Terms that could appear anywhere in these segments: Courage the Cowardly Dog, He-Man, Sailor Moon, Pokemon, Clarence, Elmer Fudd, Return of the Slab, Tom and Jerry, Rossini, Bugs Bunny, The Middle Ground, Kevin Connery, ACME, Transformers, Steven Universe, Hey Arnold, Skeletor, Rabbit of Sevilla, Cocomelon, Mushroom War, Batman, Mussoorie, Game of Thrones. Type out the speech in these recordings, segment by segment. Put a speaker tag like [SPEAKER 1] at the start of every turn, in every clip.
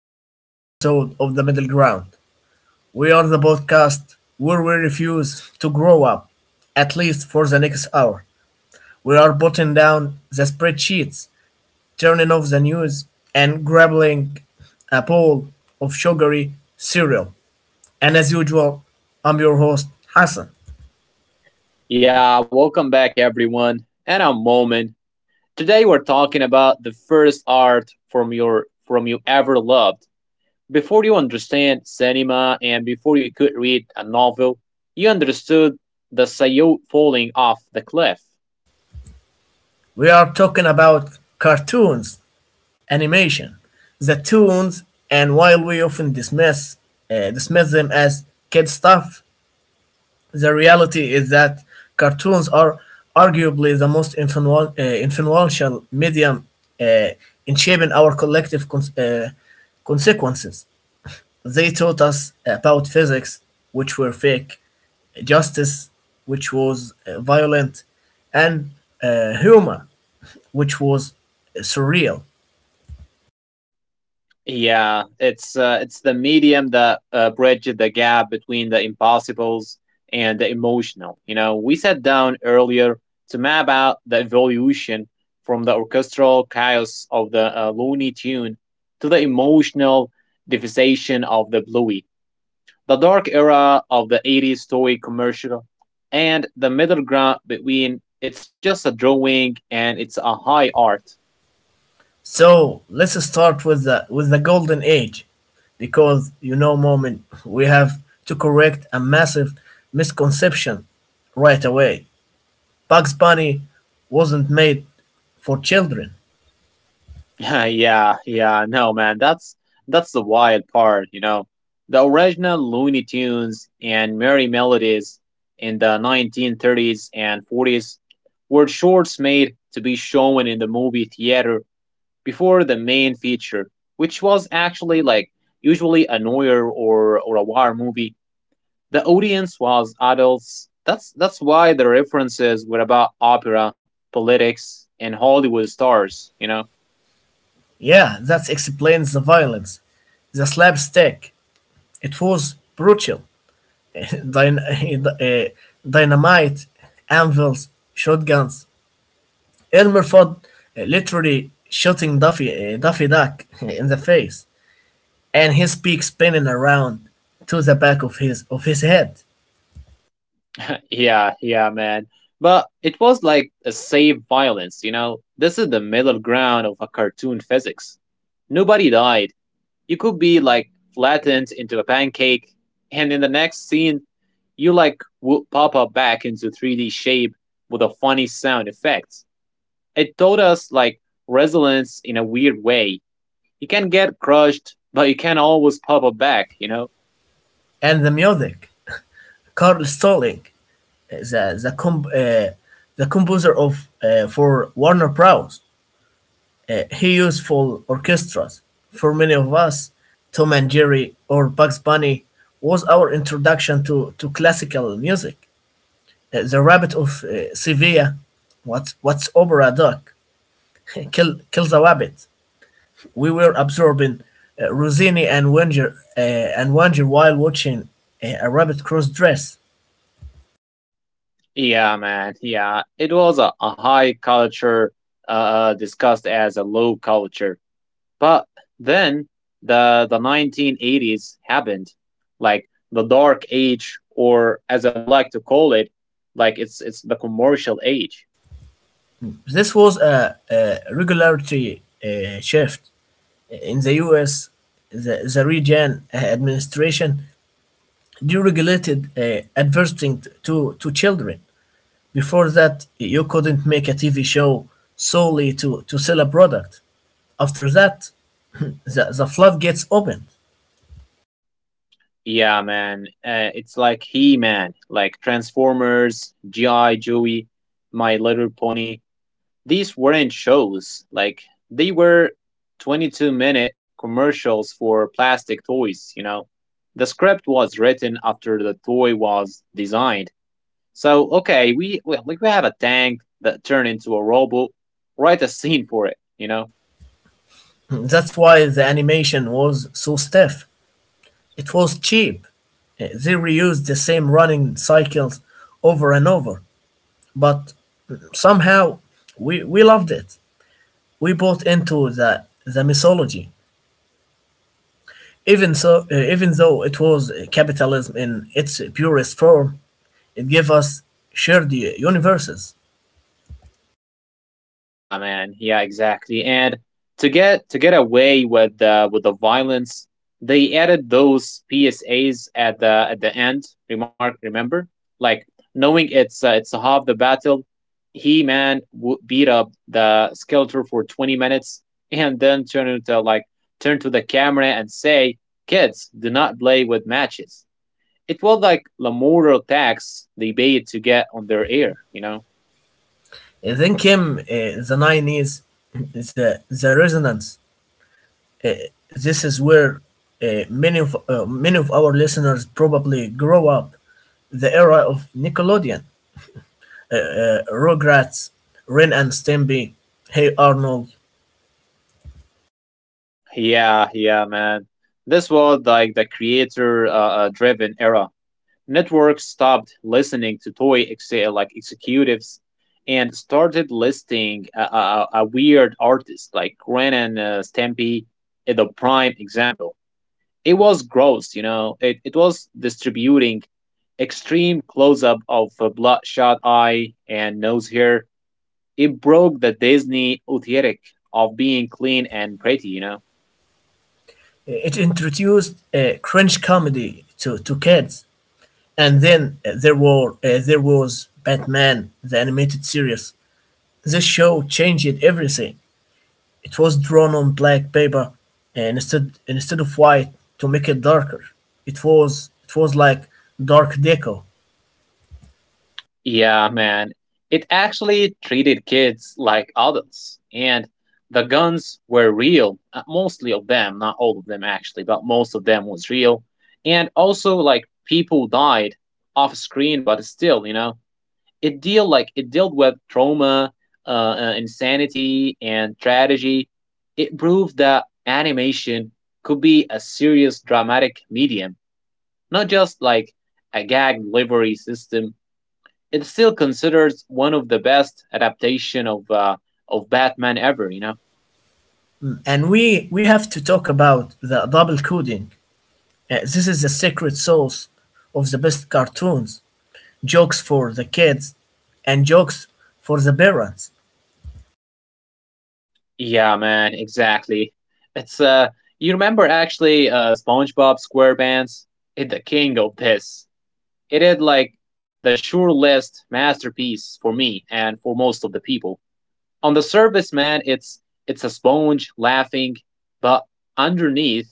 [SPEAKER 1] to another episode of The Middle Ground. We are the podcast where we refuse to grow up, at least for the next hour. We are putting down the spreadsheets, turning off the news, and grabbing a bowl of sugary cereal. And as usual, I'm your host, Hassan.
[SPEAKER 2] Yeah, welcome back everyone. And I'm Moment. Today we're talking about the first art from you ever loved. Before you understand cinema and before you could read a novel, you understood the Sayou falling off the cliff.
[SPEAKER 1] We are talking about cartoons, animation, the tunes, and while we often dismiss them as kid stuff, the reality is that cartoons are arguably the most influential medium uh, in shaping our collective consequences. They taught us about physics, which were fake, justice, which was violent, and humor which was surreal.
[SPEAKER 2] Yeah, it's the medium that bridges the gap between the impossibles and the emotional. You know, we sat down earlier to map out the evolution from the orchestral chaos of the Looney Tune to the emotional devastation of the Bluey, the dark era of the 80s toy commercial, and the middle ground between it's just a drawing and it's a high art.
[SPEAKER 1] So let's start with the golden age, because you know, moment, we have to correct a massive misconception right away. Bugs Bunny wasn't made for children.
[SPEAKER 2] Yeah, yeah, no, man, that's the wild part, you know. The original Looney Tunes and Merry Melodies in the 1930s and 40s were shorts made to be shown in the movie theater before the main feature, which was actually like usually a noir or a war movie. The audience was adults. That's why the references were about opera, politics, and Hollywood stars, you know.
[SPEAKER 1] Yeah, that explains the violence, the slapstick. It was brutal. Dyn- uh, dynamite, anvils, shotguns. Elmer Fudd literally shooting Daffy Duck in the face, and his beak spinning around to the back of his head.
[SPEAKER 2] Yeah, yeah, man. But it was like a safe violence, you know? This is the middle ground of a cartoon physics. Nobody died. You could be like flattened into a pancake, and in the next scene, you like would pop up back into 3D shape with a funny sound effect. It taught us like resilience in a weird way. You can get crushed, but you can always pop up back, you know?
[SPEAKER 1] And the music, Carl Stalling, uh, the the, comp, uh, the composer of for Warner Bros. He used full orchestras. For many of us, Tom and Jerry or Bugs Bunny was our introduction to classical music. The Rabbit of Sevilla, what's Opera Doc, kill the rabbit. We were absorbing Rossini and Wanger while watching a rabbit cross dress.
[SPEAKER 2] Yeah, man. Yeah, it was a high culture discussed as a low culture. But then the 1980s happened, like the dark age, or as I like to call it, like it's the commercial age.
[SPEAKER 1] This was a regularity shift in the U.S. The region administration deregulated advertising to children. Before that, you couldn't make a TV show solely to sell a product. After that, the floodgates opened.
[SPEAKER 2] Yeah, man. It's like He Man, like Transformers, G.I. Joey, My Little Pony. These weren't shows. Like, they were 22-minute commercials for plastic toys, you know? The script was written after the toy was designed. So, okay, we have a tank that turned into a robot. Write a scene for it, you know?
[SPEAKER 1] That's why the animation was so stiff. It was cheap. Eh, they reused the same running cycles over and over, but somehow we loved it. We bought into the mythology. Even so, even though it was capitalism in its purest form, it gave us shared universes.
[SPEAKER 2] Yeah, man. Yeah, exactly. And to get away with the violence, they added those PSAs at the end. Remember, like knowing it's a half the battle. He man beat up the Skeletor for 20 minutes, and then turn to the camera and say, "Kids, do not play with matches." It was like the moral tax they paid to get on their air, you know.
[SPEAKER 1] Then came the 90s, the resonance. Uh, this is where many of our listeners probably grow up. The era of Nickelodeon, Rugrats, Ren and Stimpy, Hey Arnold.
[SPEAKER 2] Yeah, yeah, man. This was like the creator driven era. Networks stopped listening to toy like executives and started listing a weird artist like Ren and Stampy is the prime example. It was gross, you know. It was distributing extreme close up of a bloodshot eye and nose hair. It broke the Disney aesthetic of being clean and pretty, you know.
[SPEAKER 1] It introduced cringe comedy to kids, and then there was Batman, the animated series. This show changed everything. It was drawn on black paper and instead of white to make it darker. It was like dark deco.
[SPEAKER 2] Yeah, man. It actually treated kids like adults. And the guns were real. Mostly of them, not all of them actually, but most of them was real. And also like people died off screen, but still, you know, it dealt with trauma, insanity and tragedy. It proved that animation could be a serious dramatic medium, not just like a gag delivery system. It's still considered one of the best adaptation of Batman ever. You know?
[SPEAKER 1] Mm. And we have to talk about the double coding. This is the secret sauce of the best cartoons. Jokes for the kids and jokes for the parents.
[SPEAKER 2] Yeah, man, exactly. It's You remember actually SpongeBob SquarePants? It the king of this. It is like the sure list masterpiece for me and for most of the people. On the surface, man, it's a sponge laughing, but underneath,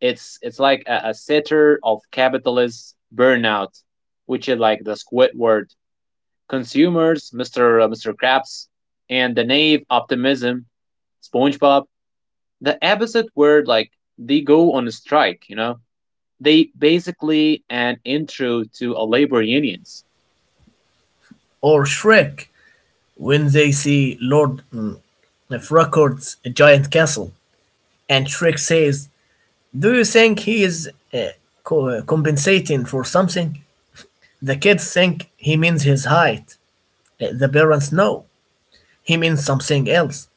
[SPEAKER 2] it's like a sitter of capitalist burnout, which is like the Squidward Consumers, Mr. Krabs, and the Knave, Optimism, SpongeBob, the episode where like they go on a strike, you know? They basically an intro to a labor unions.
[SPEAKER 1] Or Shrek when they see Lord Frog's giant castle. And Shrek says, "Do you think he is uh, compensating for something?" The kids think he means his height. The parents know he means something else.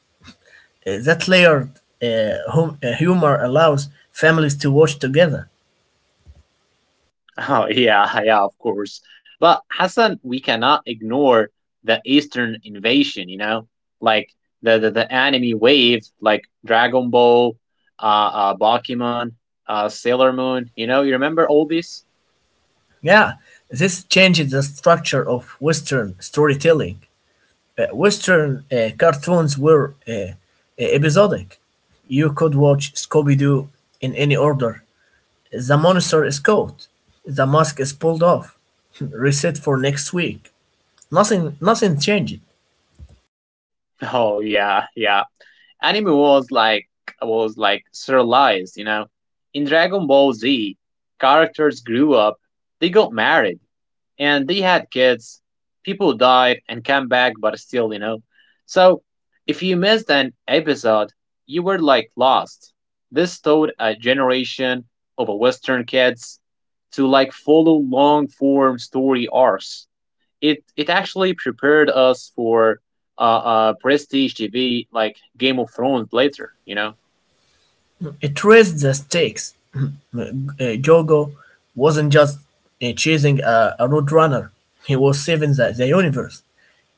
[SPEAKER 1] That layered humor allows families to watch together.
[SPEAKER 2] Oh, yeah, yeah, of course. But Hassan, we cannot ignore the Eastern invasion, you know, like the anime wave, like Dragon Ball, uh, Pokemon, Sailor Moon. You know, you remember all this?
[SPEAKER 1] Yeah, this changes the structure of Western storytelling. Western cartoons were episodic. You could watch Scooby Doo in any order. The monster is caught. The mask is pulled off. Reset for next week. Nothing changed.
[SPEAKER 2] Oh yeah, yeah. Anime was like serialized, you know. In Dragon Ball Z, characters grew up, they got married, and they had kids. People died and came back, but still, you know. So, if you missed an episode, you were like lost. This taught a generation of Western kids to like follow long form story arcs. It actually prepared us for prestige TV like Game of Thrones later, you know.
[SPEAKER 1] It raised the stakes. Jogo wasn't just chasing a Roadrunner, he was saving the universe.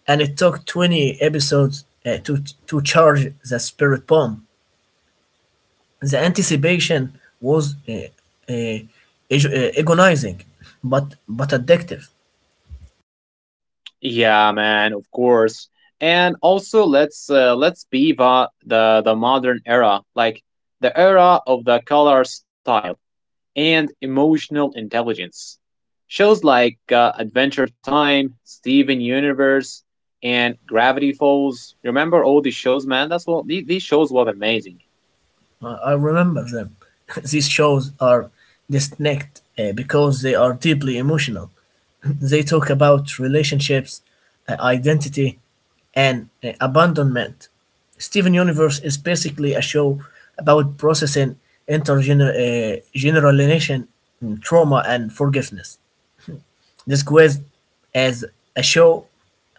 [SPEAKER 1] And it took 20 episodes to charge the spirit bomb. The anticipation was uh, agonizing, but addictive.
[SPEAKER 2] Yeah, man, of course. And also, let's be the modern era, like the era of the color style and emotional intelligence. Shows like Adventure Time, Steven Universe, and Gravity Falls. Remember all these shows, man? That's what these shows were amazing.
[SPEAKER 1] I remember them. These shows are distinct because they are deeply emotional. They talk about relationships, uh, identity, and abandonment. Steven Universe is basically a show about processing intergenerational trauma and forgiveness. This quiz is a show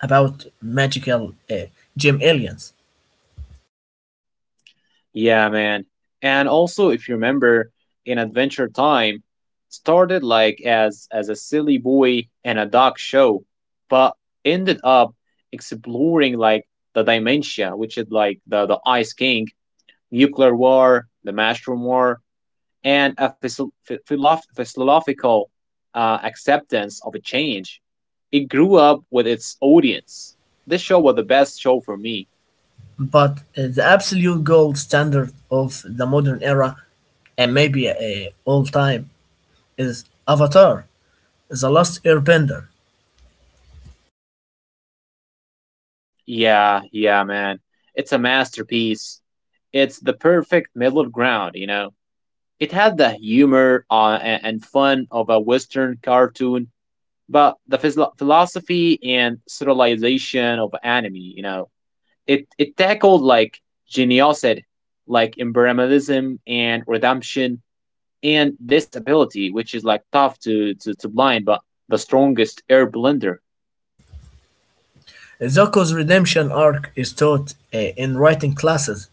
[SPEAKER 1] about magical gem aliens.
[SPEAKER 2] Yeah, man. And also, if you remember, in Adventure Time, started like as a silly boy and a dog show, but ended up exploring like the dementia, which is like the Ice King, nuclear war, the Mushroom War, and a philosophical acceptance of a change. It grew up with its audience. This show was the best show for me.
[SPEAKER 1] But the absolute gold standard of the modern era, and maybe all time, is Avatar, The Last Airbender.
[SPEAKER 2] Yeah, yeah, man. It's a masterpiece. It's the perfect middle ground, you know. It had the humor and fun of a Western cartoon, but the philosophy and serialization of anime, you know. It tackled like geniosity, like imperialism and redemption and disability, which is like tough to blind, but the strongest air blender.
[SPEAKER 1] Zuko's redemption arc is taught in writing classes.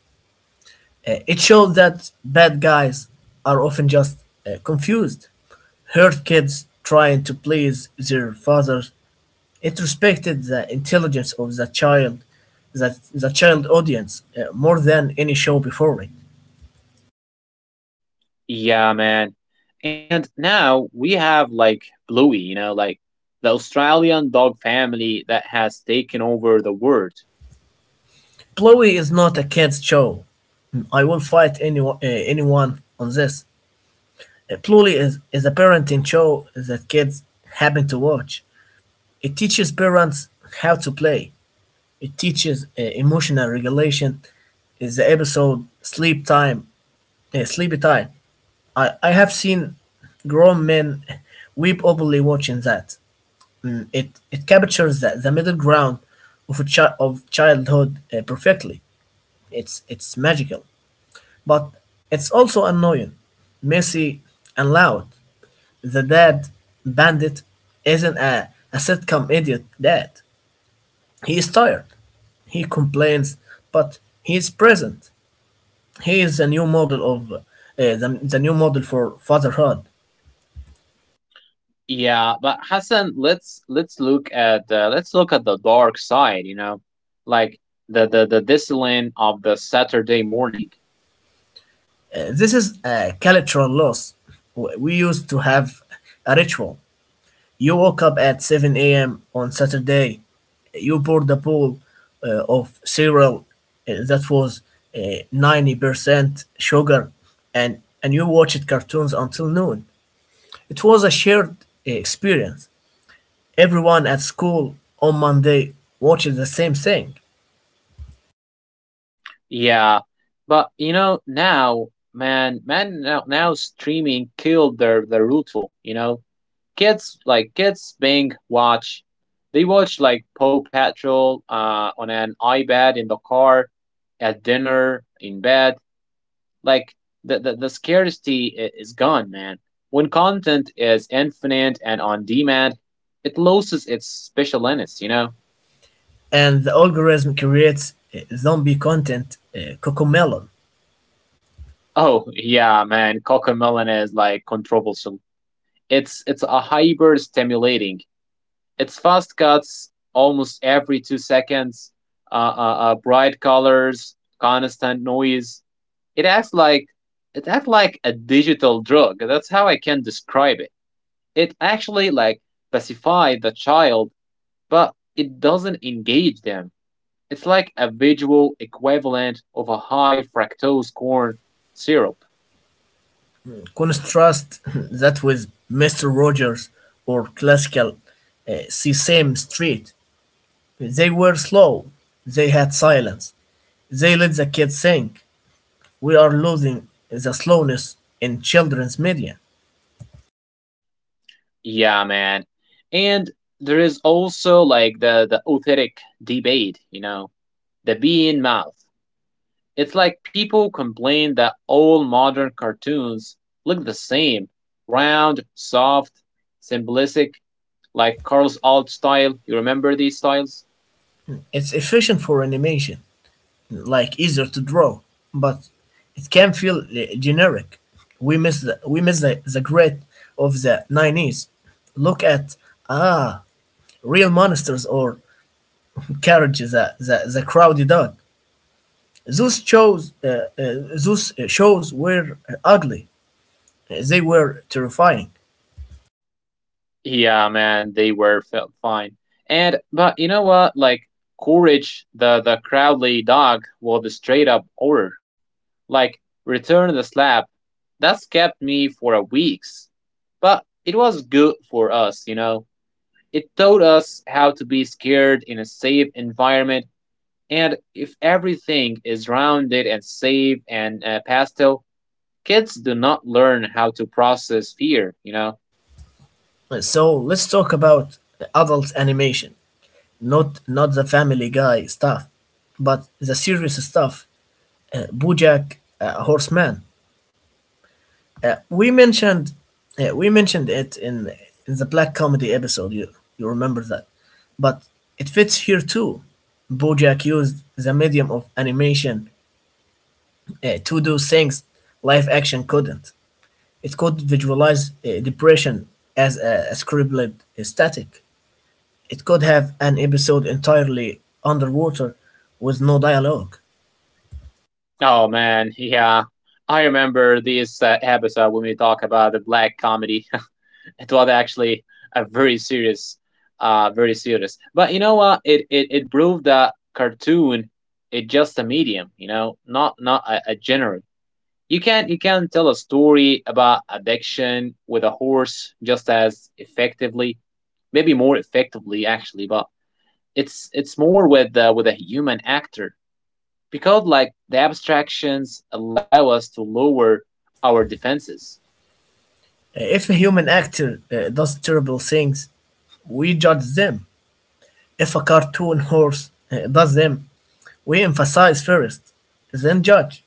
[SPEAKER 1] It shows that bad guys are often just confused, hurt kids trying to please their fathers. It respected the intelligence of the child, the child audience, more than any show before it.
[SPEAKER 2] Yeah, man. And now we have like Bluey, you know, like the Australian dog family that has taken over the world.
[SPEAKER 1] Chloe is not a kids show. I will fight anyone on this. Chloe is a parenting show that kids happen to watch. It teaches parents how to play. It teaches emotional regulation. Is the episode sleepy time. I have seen grown men weep openly watching that. Mm, It captures the middle ground of a chi- of childhood perfectly. It's magical. But it's also annoying, messy, and loud. The dad bandit isn't a sitcom idiot dad. He is tired. He complains, but he is present. He is the new model of the new model for fatherhood.
[SPEAKER 2] Yeah, but Hassan, let's look at the dark side, you know, like the discipline of the Saturday morning.
[SPEAKER 1] This is a cultural loss. We used to have a ritual. You woke up at 7 a.m. on Saturday. You poured a bowl of cereal that was uh, 90% sugar, and you watched cartoons until noon. It was a shared experience. Everyone at school on Monday watches the same thing,
[SPEAKER 2] Yeah, but you know now, man, now streaming killed their ritual, you know kids like kids being watch they watch like Paw Patrol on an iPad in the car, at dinner, in bed. Like the scarcity is gone, man. When content is infinite and on demand, it loses its specialness, you know?
[SPEAKER 1] and the algorithm creates zombie content, Cocomelon.
[SPEAKER 2] Oh yeah, man, Cocomelon is like controversial. It's a hyper stimulating. It's fast cuts almost every 2 seconds, bright colors, constant noise. It acts like it acts like a digital drug. That's how I can describe it. It actually like pacifies the child, but it doesn't engage them. It's like a visual equivalent of a high fructose corn syrup.
[SPEAKER 1] Contrast that with Mr. Rogers or classical Sesame Street. They were slow, they had silence, they let the kids think. We are losing the slowness in children's media.
[SPEAKER 2] Yeah, man. And there is also like the authentic debate, you know, the bee in mouth. It's like people complain that all modern cartoons look the same round, soft, simplistic, like Carl's alt style. You remember these styles?
[SPEAKER 1] It's efficient for animation, like easier to draw, but it can feel generic. We miss the grit of the 90s. Look at, ah, real monsters or carriage the crowded dog. Those shows, uh, uh, those shows were ugly. They were terrifying.
[SPEAKER 2] Yeah, man, they were fine. And, but you know what? Like, Courage, the Crowley dog, was the straight up horror. Like, Return of the Slab, that's kept me for a weeks. But it was good for us, you know? It taught us how to be scared in a safe environment, and if everything is rounded and safe and pastel, kids do not learn how to process fear, you know?
[SPEAKER 1] So let's talk about adult animation, not the Family Guy stuff, but the serious stuff. BoJack Horseman. Uh, we mentioned we mentioned it in the black comedy episode. You remember that, but it fits here too. BoJack used the medium of animation to do things live action couldn't. It could visualize depression as a scribbled static. It could have an episode entirely underwater with no dialogue.
[SPEAKER 2] Oh man, yeah. I remember this episode when we talk about the black comedy. It was actually a very serious, very serious. But you know what? It proved that cartoon is just a medium, you know, not a genre. You can tell a story about addiction with a horse just as effectively, maybe more effectively actually, but it's more with a human actor because like the abstractions allow us to lower our defenses.
[SPEAKER 1] If a human actor does terrible things, we judge them. If a cartoon horse does them, we emphasize first, then judge.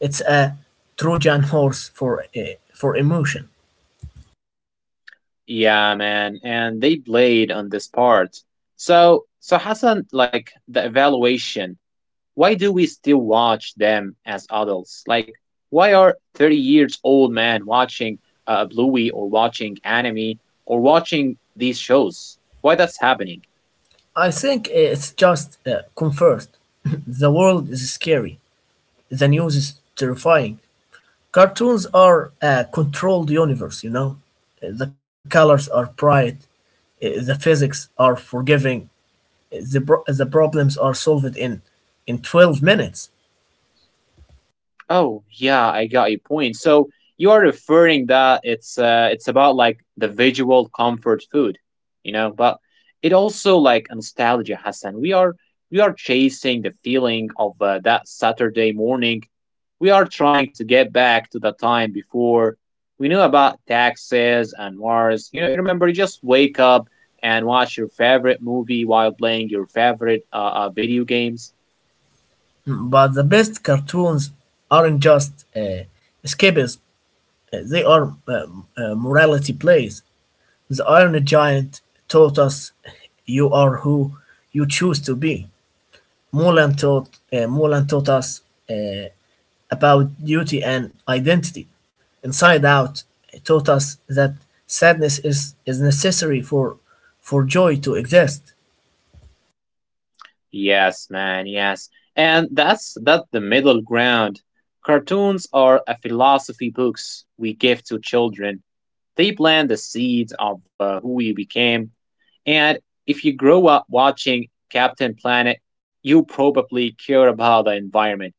[SPEAKER 1] It's a Trojan horse for emotion.
[SPEAKER 2] Yeah, man, and they played on this part. So Hassan, like the evaluation. Why do we still watch them as adults? Like, why are 30 years old men watching Bluey or watching anime or watching these shows? Why that's happening?
[SPEAKER 1] I think it's just comfort. The world is scary. The news is terrifying. Cartoons are a controlled universe, you know. The colors are bright. Uh, the physics are forgiving. The problems are solved in 12 minutes.
[SPEAKER 2] Oh yeah, I got your point. So you are referring that it's about like the visual comfort food, you know, but it also like nostalgia, Hassan. We are chasing the feeling of that Saturday morning. We are trying to get back to the time before we knew about taxes and wars. You know, you remember you just wake up and watch your favorite movie while playing your favorite video games.
[SPEAKER 1] Mm, but the best cartoons aren't just escapism, they are morality plays. The Iron Giant taught us, you are who you choose to be. Mulan taught us. Uh, about duty and identity. Inside Out taught us that sadness is necessary for joy to exist.
[SPEAKER 2] Yes, man, yes. And that's that the middle ground. Cartoons are a philosophy books we give to children. They plant the seeds of who we became. And if you grow up watching Captain Planet, you probably care about the environment.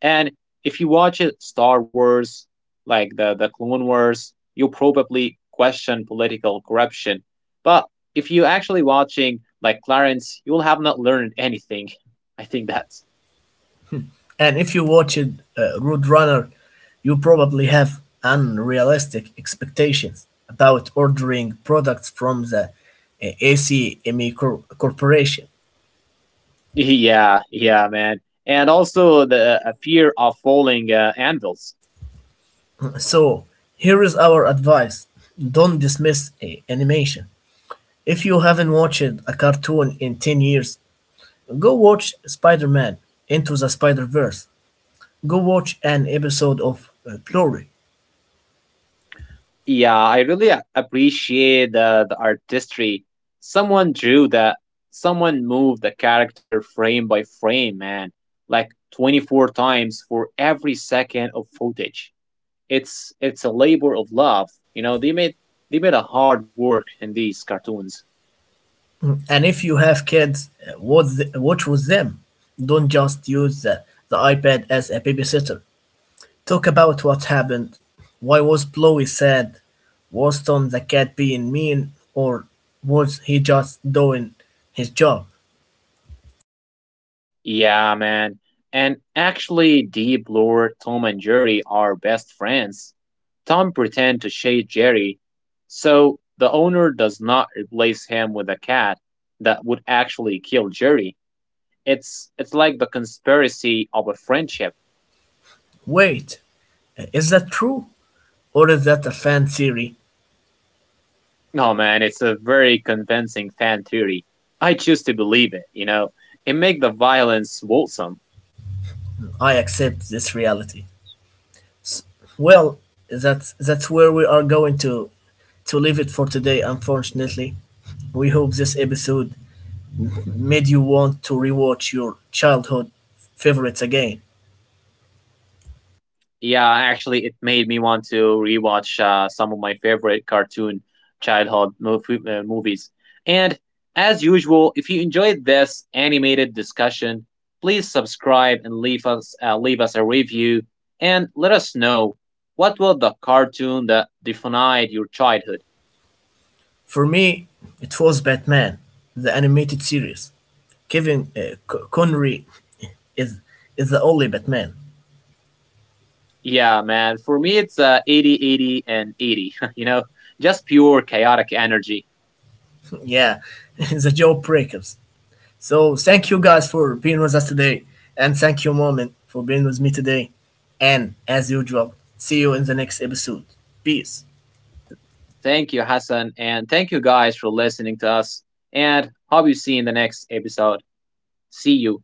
[SPEAKER 2] And if you watch it, Star Wars, like the Clone Wars, you probably question political corruption. But if you actually watching like Clarence, you will have not learned anything. I think that's
[SPEAKER 1] And if you watched Road Runner, you probably have unrealistic expectations about ordering products from the ACME Corporation.
[SPEAKER 2] yeah, yeah, man. And also the fear of falling anvils.
[SPEAKER 1] So, here is our advice: don't dismiss animation. If you haven't watched a cartoon in 10 years, go watch Spider-Man Into the Spider-Verse. Go watch an episode of Glory.
[SPEAKER 2] Yeah, I really appreciate the artistry. Someone drew that, someone moved the character frame by frame, man, like 24 times for every second of footage. It's a labor of love. You know, they made a hard work in these cartoons.
[SPEAKER 1] Mm. And if you have kids, watch with them. Don't just use the iPad as a babysitter. Talk about what happened. Why was Chloe sad? Was Tom the cat being mean? Or was he just doing his job?
[SPEAKER 2] Yeah, man. And actually, Deep Lore, Tom and Jerry are best friends. Tom pretends to shade Jerry, so the owner does not replace him with a cat that would actually kill Jerry. It's like the conspiracy of a friendship.
[SPEAKER 1] Wait, is that true? Or is that a fan theory?
[SPEAKER 2] No, man, it's a very convincing fan theory. I choose to believe it. You know, it make the violence wholesome.
[SPEAKER 1] I accept this reality. Well, that's where we are going to leave it for today, unfortunately. We hope this episode made you want to rewatch your childhood favorites again.
[SPEAKER 2] Yeah, actually, it made me want to rewatch some of my favorite cartoon childhood movies. And as usual, if you enjoyed this animated discussion, please subscribe and leave us a review and let us know what was the cartoon that defined your childhood.
[SPEAKER 1] For me, it was Batman, the animated series. Kevin Connery is is the only Batman.
[SPEAKER 2] Yeah, man, for me it's 80, 80, and 80, you know, just pure chaotic energy.
[SPEAKER 1] Yeah, the jawbreakers. So thank you guys for being with us today, and thank you, Moment, for being with me today. And as usual, see you in the next episode. Peace.
[SPEAKER 2] Thank you, Hassan, and thank you guys for listening to us. And hope you see you in the next episode. See you.